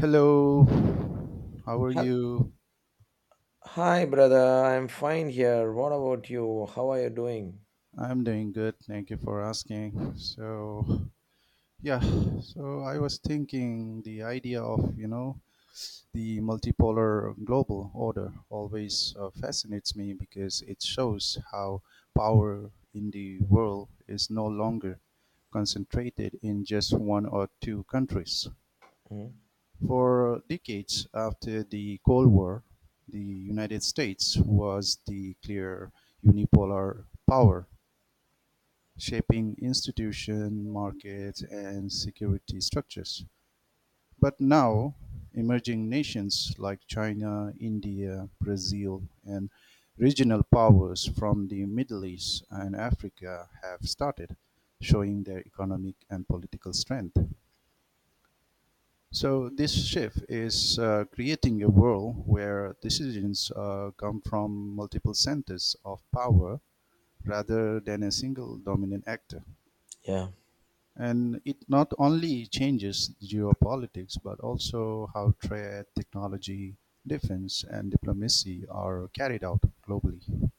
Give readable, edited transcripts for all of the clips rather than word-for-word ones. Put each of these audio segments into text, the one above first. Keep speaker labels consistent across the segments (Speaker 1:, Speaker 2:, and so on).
Speaker 1: Hello, how are
Speaker 2: Hel-
Speaker 1: you?
Speaker 2: Hi, brother. I'm fine here. What about you? How are you doing?
Speaker 1: I'm doing good, thank you for asking. Yeah, so I was thinking the idea of, you know, the multipolar global order always fascinates me because it shows how power in the world is no longer concentrated in just one or two countries.
Speaker 2: Hmm?
Speaker 1: For decades after the Cold War, the United States was the clear unipolar power, shaping institution, markets, and security structures. But now, emerging nations like China, India, Brazil, and regional powers from the Middle East and Africa have started showing their economic and political strength. So this shift is creating a world where decisions come from multiple centers of power rather than a single dominant actor.
Speaker 2: Yeah.
Speaker 1: And it not only changes geopolitics, but also how trade, technology, defense, and diplomacy are carried out globally.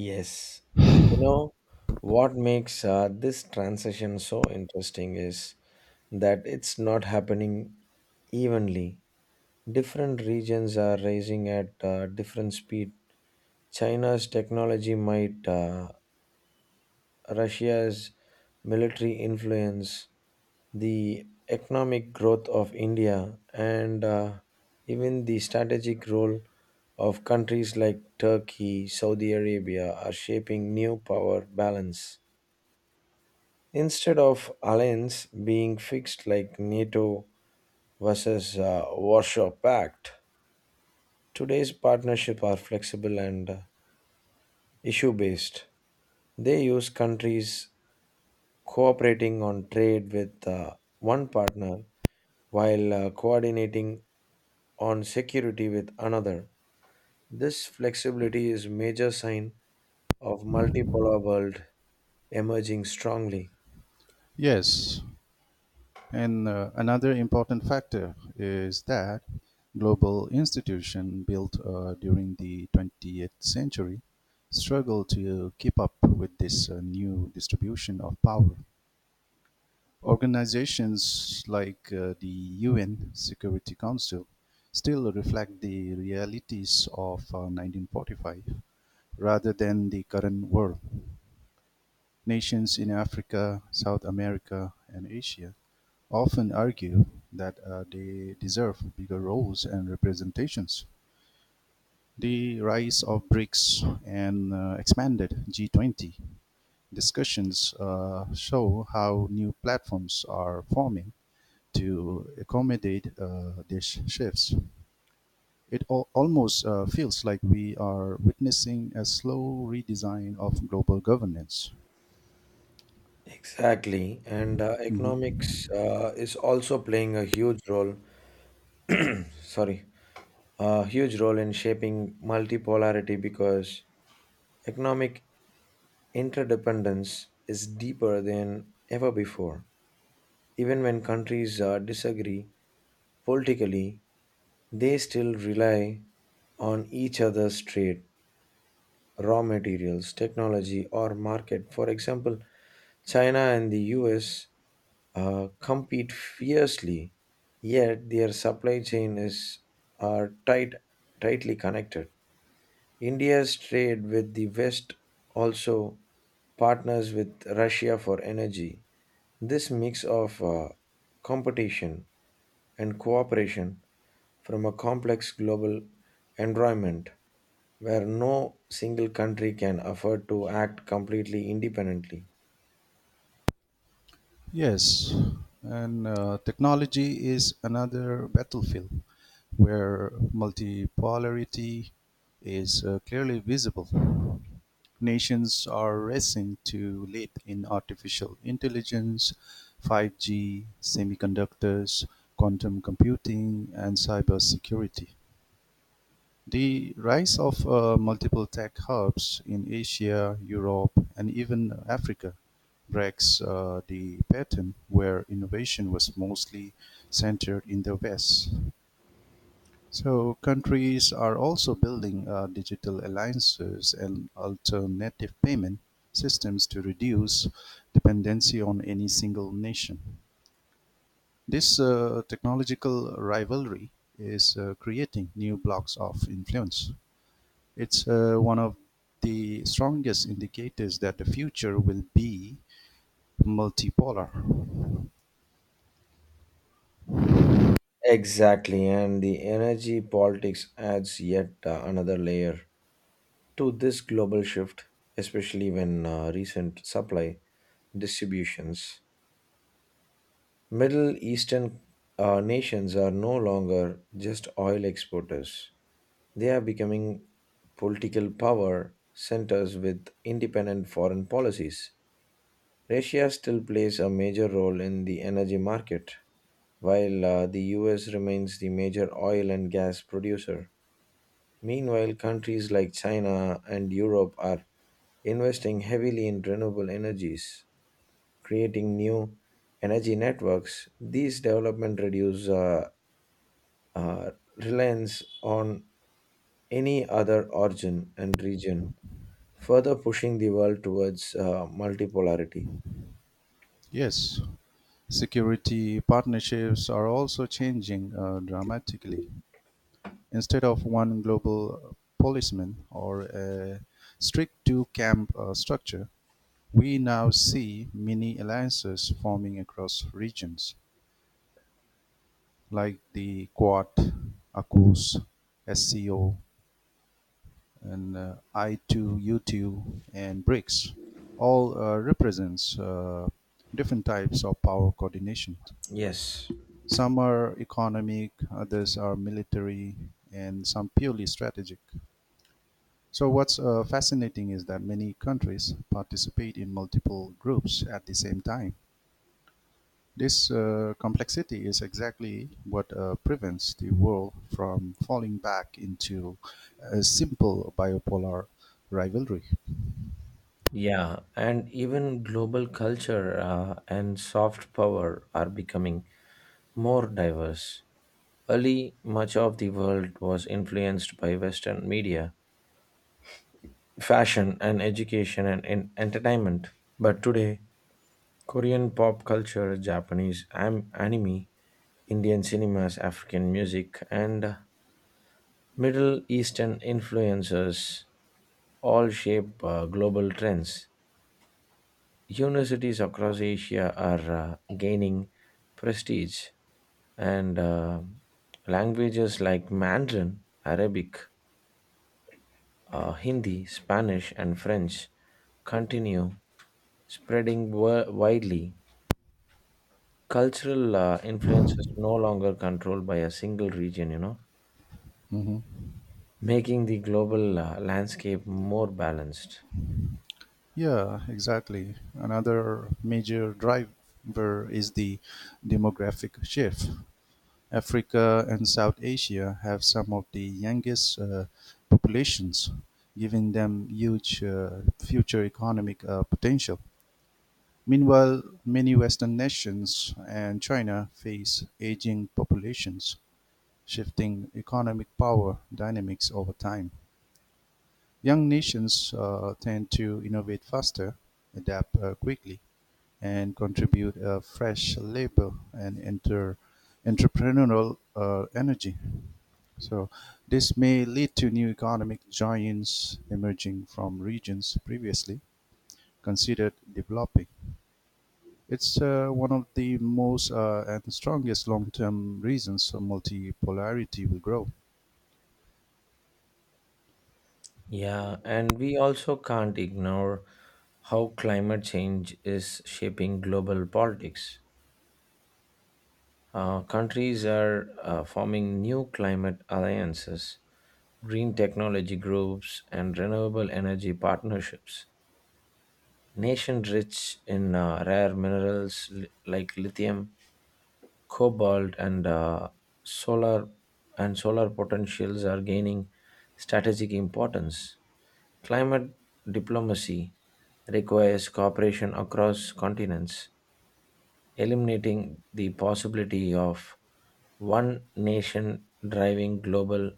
Speaker 2: Yes. You know, what makes this transition so interesting is that it's not happening evenly. Different regions are rising at different speed. China's technology might, Russia's military influence, the economic growth of India and even the strategic role of countries like Turkey, Saudi Arabia are shaping new power balance. Instead of alliance being fixed like NATO versus Warsaw Pact, today's partnership are flexible and issue based. They use countries cooperating on trade with one partner while coordinating on security with another. This flexibility is major sign of multipolar world emerging strongly.
Speaker 1: Yes, and another important factor is that global institutions built during the 20th century struggle to keep up with this new distribution of power. Organizations like the UN Security Council still reflect the realities of 1945 rather than the current world. Nations in Africa, South America, and Asia often argue that they deserve bigger roles and representations. The rise of BRICS and expanded G20 discussions show how new platforms are forming to accommodate these shifts. Almost feels like we are witnessing a slow redesign of global governance.
Speaker 2: Exactly, and
Speaker 1: Mhm.
Speaker 2: economics is also playing a huge role. Sorry, a huge role in shaping multipolarity because economic interdependence is deeper than ever before. Even when countries disagree politically, they still rely on each other's trade raw materials, technology, or market. For example, China and the US compete fiercely, yet their supply chain is are tight, tightly connected. India's trade with the West also partners with Russia for energy. This mix of competition and cooperation from a complex global environment where no single country can afford to act completely independently.
Speaker 1: Yes, and technology is another battlefield where multipolarity is clearly visible. Nations are racing to lead in artificial intelligence, 5G, semiconductors, quantum computing, and cybersecurity. The rise of multiple tech hubs in Asia, Europe, and even Africa breaks the pattern where innovation was mostly centered in the West. So, countries are also building digital alliances and alternative payment systems to reduce dependency on any single nation. This technological rivalry is creating new blocks of influence. It's one of the strongest indicators that the future will be multipolar.
Speaker 2: Exactly, and the energy politics adds yet another layer to this global shift, especially when recent supply distributions. Middle Eastern nations are no longer just oil exporters, they are becoming political power centers with independent foreign policies. Russia still plays a major role in the energy market, while the US remains the major oil and gas producer. Meanwhile, countries like China and Europe are investing heavily in renewable energies, creating new energy networks. These developments reduce uh, reliance on any other origin and region, further pushing the world towards multipolarity.
Speaker 1: Yes, security partnerships are also changing dramatically. Instead of one global policeman or a strict two camp structure, we now see mini alliances forming across regions like the Quad, ACUS, SCO, and I2, U2, and BRICS all represents different types of power coordination.
Speaker 2: Yes.
Speaker 1: Some are economic, others are military, and some purely strategic. So what's fascinating is that many countries participate in multiple groups at the same time. This complexity is exactly what prevents the world from falling back into a simple bipolar rivalry.
Speaker 2: Yeah, and even global culture and soft power are becoming more diverse. Early, much of the world was influenced by Western media, fashion, and education and entertainment. But today, Korean pop culture, Japanese anime, Indian cinemas, African music, and Middle Eastern influences all shape global trends. Universities across Asia are gaining prestige, and languages like Mandarin, Arabic, Hindi, Spanish, and French continue spreading widely. Cultural influence is no longer controlled by a single region, making the global landscape more balanced.
Speaker 1: Yeah, exactly. Another major driver is the demographic shift. Africa and South Asia have some of the youngest populations, giving them huge future economic potential. Meanwhile, many Western nations and China face aging populations, shifting economic power dynamics over time. Young nations tend to innovate faster, adapt quickly, and contribute a fresh labor and entrepreneurial energy. So, this may lead to new economic giants emerging from regions previously considered developing. It's one of the most and strongest long term reasons for multipolarity will grow.
Speaker 2: Yeah, and we also can't ignore how climate change is shaping global politics. Countries are forming new climate alliances, green technology groups, and renewable energy partnerships. Nations rich in rare minerals like lithium, cobalt, and solar solar potentials are gaining strategic importance. Climate diplomacy requires cooperation across continents eliminating the possibility of one nation driving global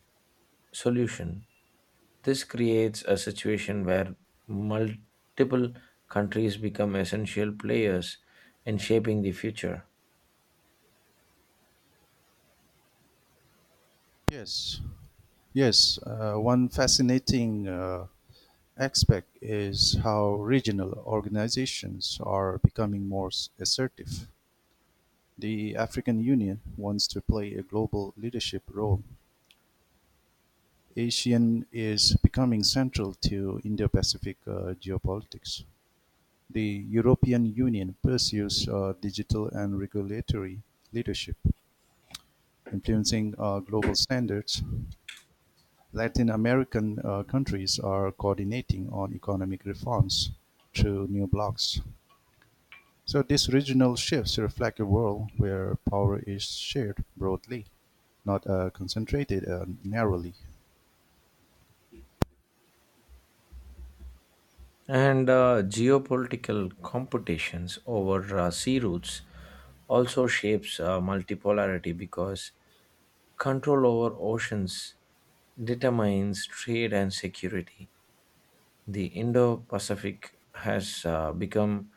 Speaker 2: solution. This creates a situation where multiple countries become essential players in shaping the future.
Speaker 1: Yes, yes. One fascinating aspect is how regional organizations are becoming assertive. The African Union wants to play a global leadership role; ASEAN is becoming central to Indo-Pacific geopolitics. The European Union pursues digital and regulatory leadership, influencing global standards. Latin American countries are coordinating on economic reforms through new blocs. So these regional shifts reflect a world where power is shared broadly, not concentrated narrowly.
Speaker 2: And geopolitical competitions over sea routes also shapes multipolarity because control over oceans determines trade and security the Indo Pacific has become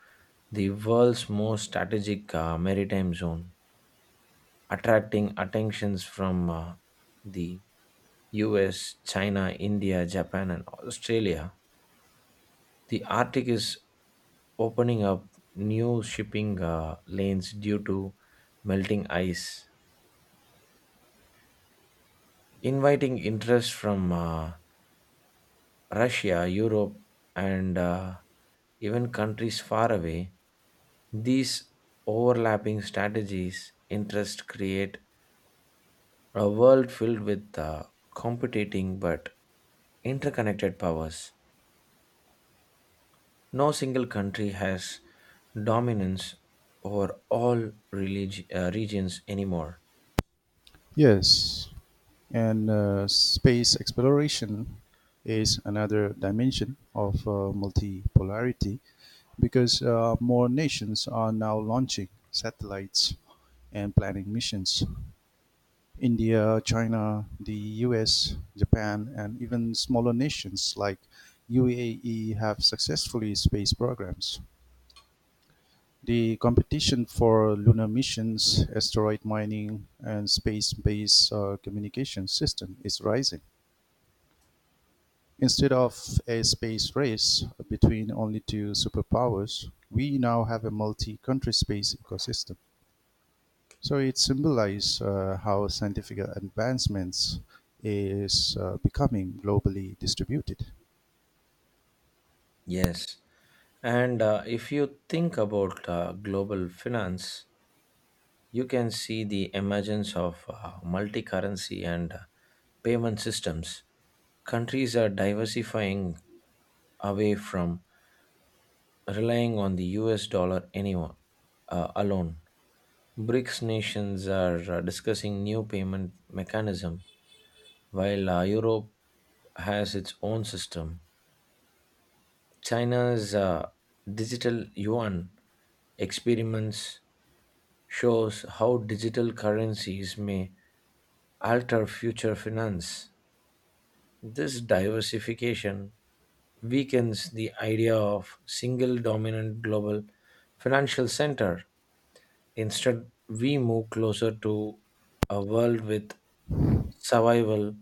Speaker 2: the world's most strategic maritime zone, attracting attentions from the US, China, India, Japan, and Australia. The Arctic is opening up new shipping lanes due to melting ice, inviting interest from Russia, Europe, and even countries far away, these overlapping strategies interests create a world filled with competing but interconnected powers. No single country has dominance over all regions anymore.
Speaker 1: Yes, and space exploration is another dimension of multipolarity because more nations are now launching satellites and planning missions. India, China, the US, Japan, and even smaller nations like UAE have successfully space programs. The competition for lunar missions, asteroid mining, and space based communication system is rising. Instead of a space race between only two superpowers, we now have a multi country space ecosystem. So it symbolizes how scientific advancements is becoming globally distributed.
Speaker 2: Yes, and if you think about global finance, you can see the emergence of multi currency and payment systems. Countries are diversifying away from relying on the US dollar anymore, alone. BRICS nations are discussing new payment mechanism, while Europe has its own system. China's digital yuan experiments shows how digital currencies may alter future finance. This diversification weakens the idea of single dominant global financial center. Instead, we move closer to a world with survival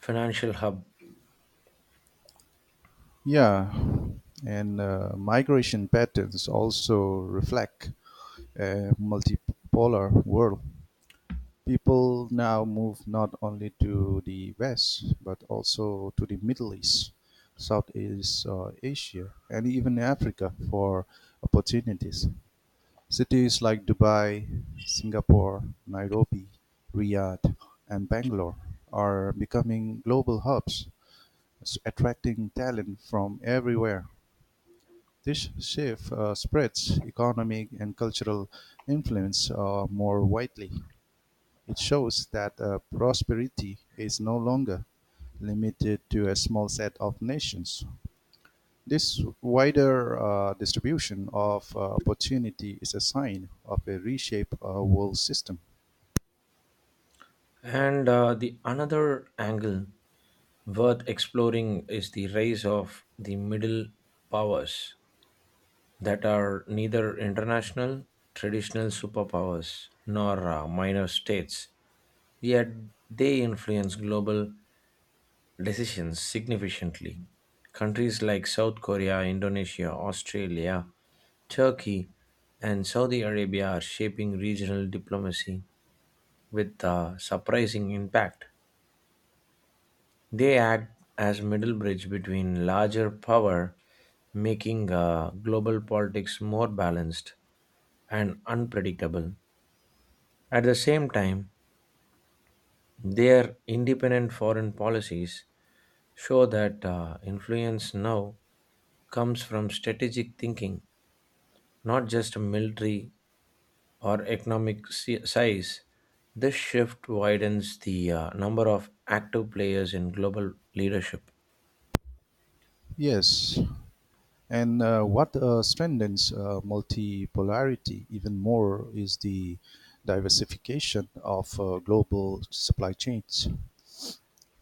Speaker 2: financial hub.
Speaker 1: Yeah, and migration patterns also reflect a multipolar world. People now move not only to the west but also to the Middle East, Southeast Asia, and even Africa for opportunities. Cities like Dubai, Singapore, Nairobi, Riyadh and Bangalore are becoming global hubs, attracting talent from everywhere. This shift spreads economic and cultural influence more widely. It shows that prosperity is no longer limited to a small set of nations. This wider distribution of opportunity is a sign of a reshaped world system.
Speaker 2: And the another angle worth exploring is the rise of the middle powers that are neither international traditional superpowers nor minor states yet they influence global decisions significantly. Countries like South Korea, Indonesia, Australia, Turkey, and Saudi Arabia are shaping regional diplomacy with a surprising impact. They act as middle bridge between larger power, making global politics more balanced and unpredictable. At the same time, their independent foreign policies show that influence now comes from strategic thinking, not just military or economic size. This shift widens the number of active players in global leadership.
Speaker 1: Yes, and what strengthens multipolarity even more is the diversification of global supply chains.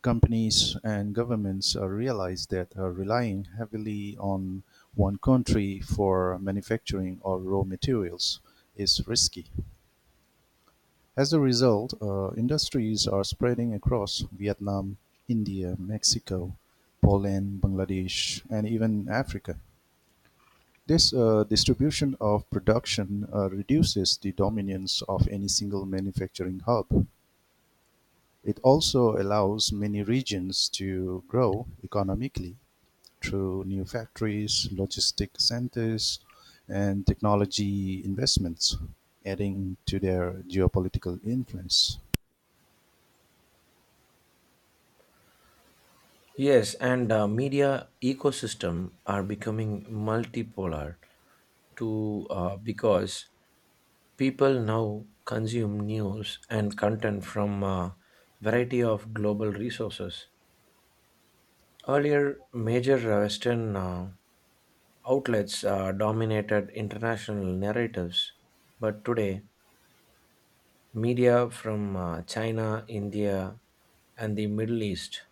Speaker 1: Companies and governments realize that relying heavily on one country for manufacturing or raw materials is risky. As a result, industries are spreading across Vietnam, India, Mexico, Poland, Bangladesh, and even Africa. This distribution of production reduces the dominance of any single manufacturing hub. It also allows many regions to grow economically through new factories, logistic centers, and technology investments, adding to their geopolitical influence.
Speaker 2: Yes, and media ecosystem are becoming multipolar to because people now consume news and content from a variety of global resources. Earlier, major Western outlets dominated international narratives, but today, media from China, India, and the Middle East,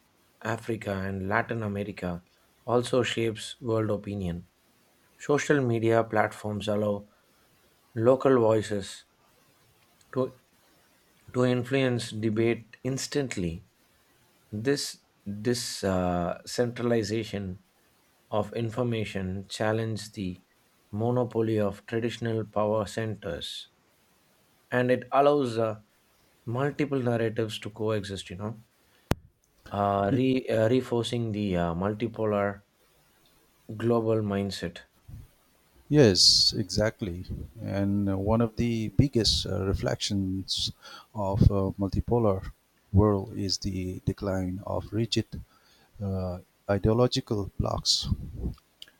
Speaker 2: Africa, and Latin America also shapes world opinion. Social media platforms allow local voices to, to influence debate instantly. This this centralization of information challenged the monopoly of traditional power centers, and it allows multiple narratives to coexist. You know, re Reinforcing the multipolar global mindset
Speaker 1: Yes, exactly. And one of the biggest reflections of a multipolar world is the decline of rigid uh, ideological blocks.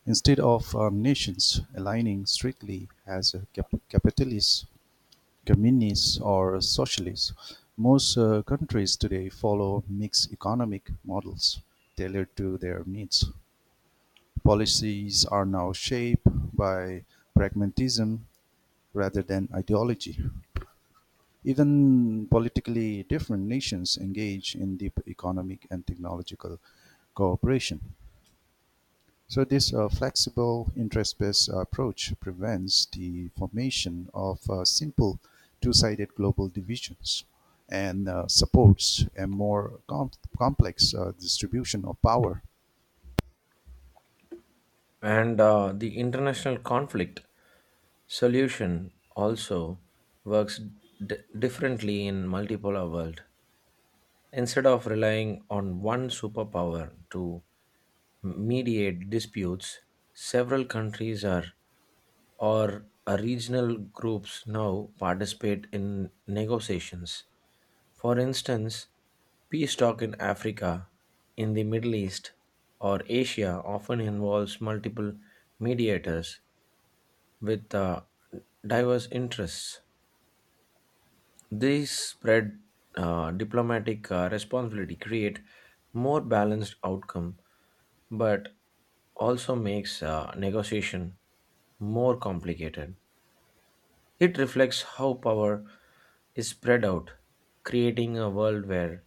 Speaker 1: Instead of nations aligning strictly as a capitalist, communist, or socialist, most countries today follow mixed economic models tailored to their needs. Policies are now shaped by pragmatism rather than ideology. Even politically different nations engage in deep economic and technological cooperation. So, this flexible interest based approach prevents the formation of simple two sided global divisions and supports a complex distribution of power.
Speaker 2: and the international conflict solution also works differently in multipolar world. Instead of relying on one superpower to mediate disputes, several countries are or regional groups now participate in negotiations. For instance, peace talk in Africa, in the Middle East, or Asia often involves multiple mediators with diverse interests. These spread diplomatic responsibility create more balanced outcome, but also makes negotiation more complicated. It reflects how power is spread out, creating a world where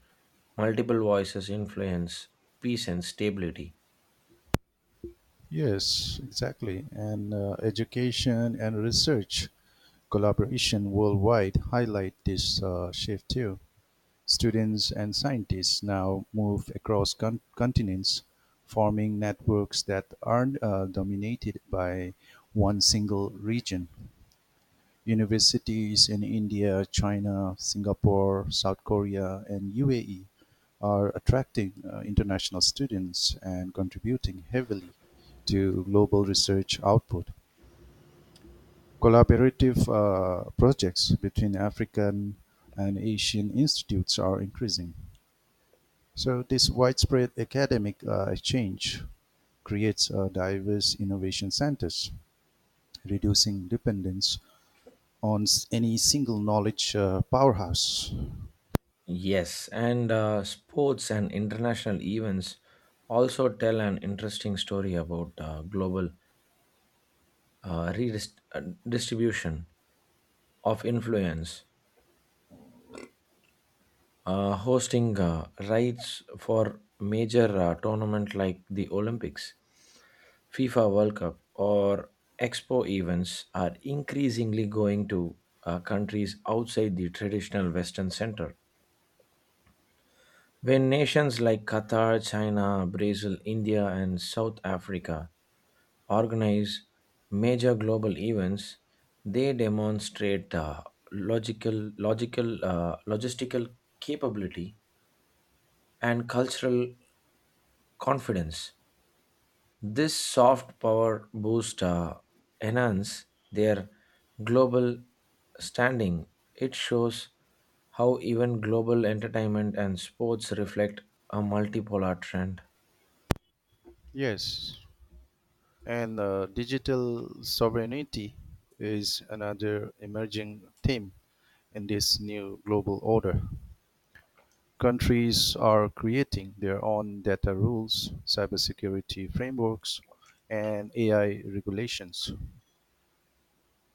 Speaker 2: multiple voices influence peace and stability.
Speaker 1: Yes, exactly. And education and research collaboration worldwide highlight this shift too. Students and scientists now move across continents, forming networks that aren't dominated by one single region. Universities in India, China, Singapore, South Korea, and UAE are attracting international students and contributing heavily to global research output. Collaborative projects between African and Asian institutes are increasing. So, this widespread academic exchange creates diverse innovation centers, reducing dependence on any single knowledge powerhouse.
Speaker 2: Yes, and sports and international events also tell an interesting story about global redistribution of influence, hosting rights for major tournament like the Olympics, FIFA World Cup, or Expo events are increasingly going to countries outside the traditional Western center. When nations like Qatar, China, Brazil, India, and South Africa organize major global events, they demonstrate logistical capability and cultural confidence. This soft power boost enhance their global standing. It shows how even global entertainment and sports reflect a multipolar trend.
Speaker 1: Yes, and digital sovereignty is another emerging theme in this new global order. Countries are creating their own data rules, cybersecurity frameworks, and AI regulations.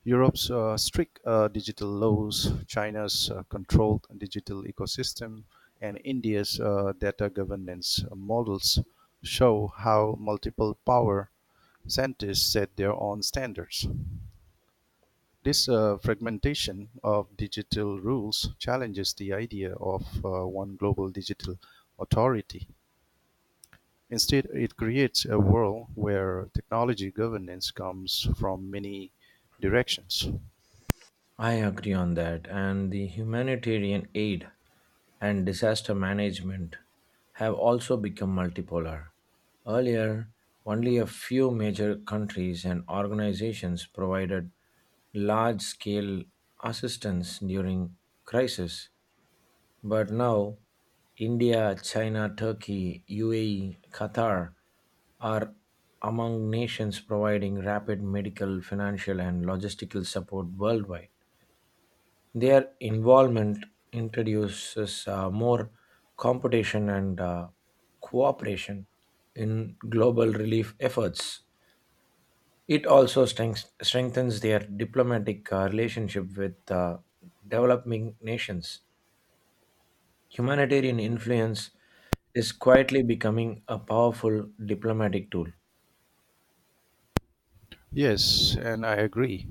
Speaker 1: Europe's strict digital laws, China's controlled digital ecosystem, and India's data governance models show how multiple power scientists set their own standards. This fragmentation of digital rules challenges the idea of one global digital authority. Instead, it creates a world where technology governance comes from many directions.
Speaker 2: I agree on that, and the humanitarian aid and disaster management have also become multipolar. Earlier, only a few major countries and organizations provided large scale assistance during crisis, but now India, China, Turkey, UAE, Qatar are among nations providing rapid medical, financial, and logistical support worldwide. Their involvement introduces more competition and cooperation in global relief efforts. It also strengthens their diplomatic relationship with developing nations. Humanitarian influence is quietly becoming a powerful diplomatic tool.
Speaker 1: Yes, and I agree.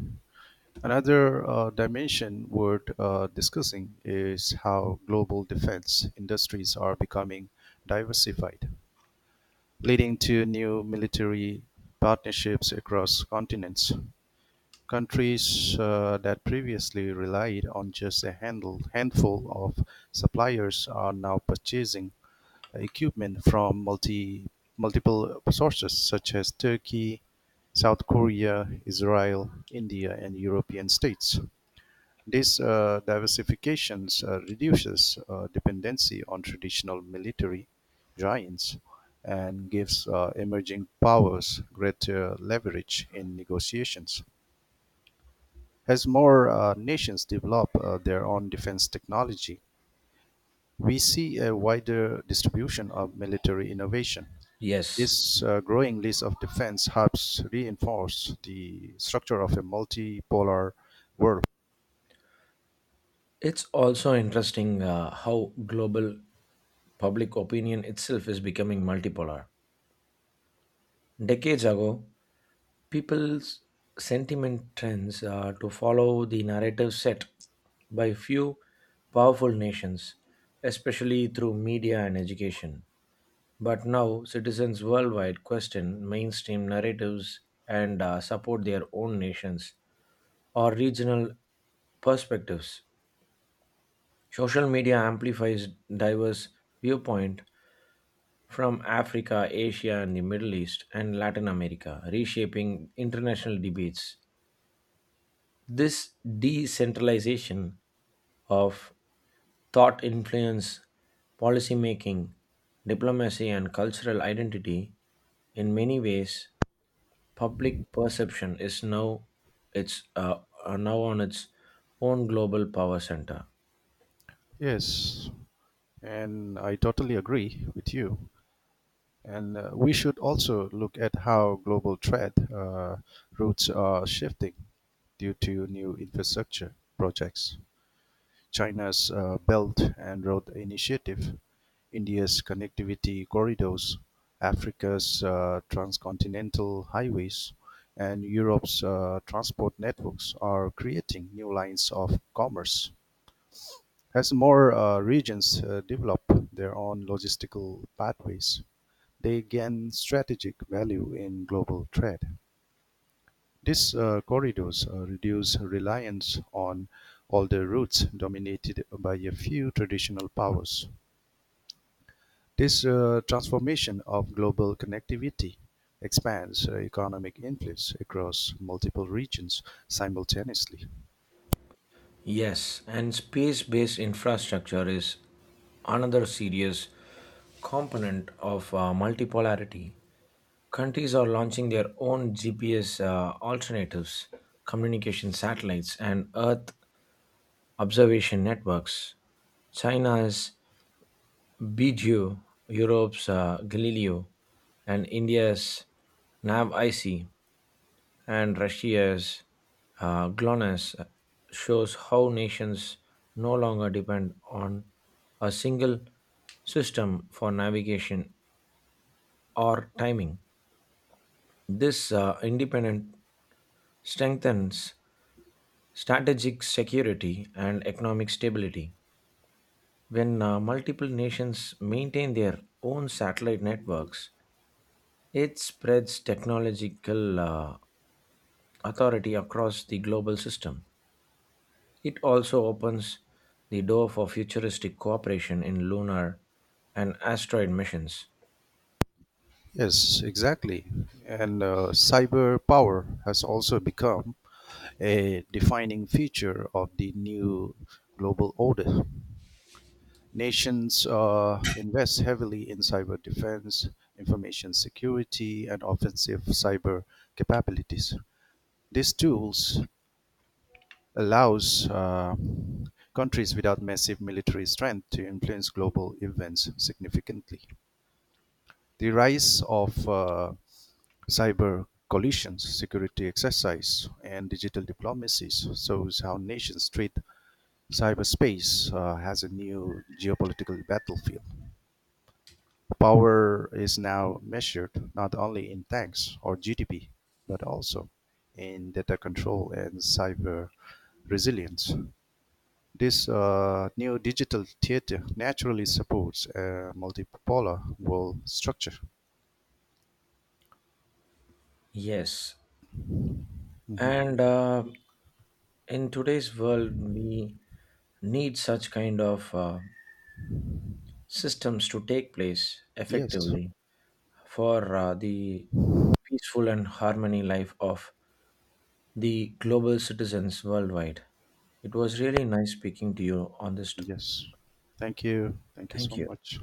Speaker 1: Another dimension worth discussing is how global defense industries are becoming diversified, leading to new military partnerships across continents. Countries that previously relied on just handful of suppliers are now purchasing equipment from multiple sources, such as Turkey, South Korea, Israel, India, and European states. This diversification reduces dependency on traditional military giants and gives emerging powers greater leverage in negotiations. As more nations develop their own defense technology, we see a wider distribution of military innovation.
Speaker 2: Yes,
Speaker 1: This growing list of defense helps reinforce the structure of a multipolar world.
Speaker 2: it's also interesting how global public opinion itself is becoming multipolar. Decades ago, people's sentiment trends to follow the narrative set by few powerful nations, especially through media and education. But now, citizens worldwide question mainstream narratives and support their own nations or regional perspectives. Social media amplifies diverse viewpoint from Africa, Asia, and the Middle East and Latin America, reshaping international debates. This decentralization of thought influence policy making, diplomacy, and cultural identity. In many ways, public perception is it's uh, now on its own global power center.
Speaker 1: Yes, and I totally agree with you. And we should also look at how global trade routes are shifting due to new infrastructure projects. China's Belt and Road Initiative, India's connectivity corridors, Africa's transcontinental highways, and Europe's transport networks are creating new lines of commerce. As more regions develop their own logistical pathways, they gain strategic value in global trade. These corridors reduce reliance on older routes dominated by a few traditional powers. This transformation of global connectivity expands economic influence across multiple regions simultaneously.
Speaker 2: Yes, and space based infrastructure is another serious component of multipolarity. Countries are launching their own GPS alternatives, communication satellites, and Earth observation networks. China's Beidou, Europe's Galileo, and India's NavIC and Russia's GLONASS shows how nations no longer depend on a single system for navigation or timing. This independence strengthens strategic security and economic stability. When multiple nations maintain their own satellite networks, it spreads technological authority across the global system. It also opens the door for futuristic cooperation in lunar and asteroid missions.
Speaker 1: Yes, exactly. And cyber power has also become a defining feature of the new global order. Nations invest heavily in cyber defense, information security, and offensive cyber capabilities. These tools allows countries without massive military strength to influence global events significantly. The rise of cyber coalitions, security exercise, and digital diplomacies shows how nations treat cyberspace has a new geopolitical battlefield. Power is now measured not only in tanks or GDP, but also in data control and cyber resilience. This new digital theater naturally supports a multipolar world structure.
Speaker 2: Yes,
Speaker 1: Mhm.
Speaker 2: and in today's world, we need such kind of systems to take place
Speaker 1: Yes,
Speaker 2: effectively for the peaceful and harmony life of the global citizens worldwide. It was really nice speaking to you on this.
Speaker 1: yes. Thank you. Thank you
Speaker 2: Thank
Speaker 1: so
Speaker 2: you.
Speaker 1: much.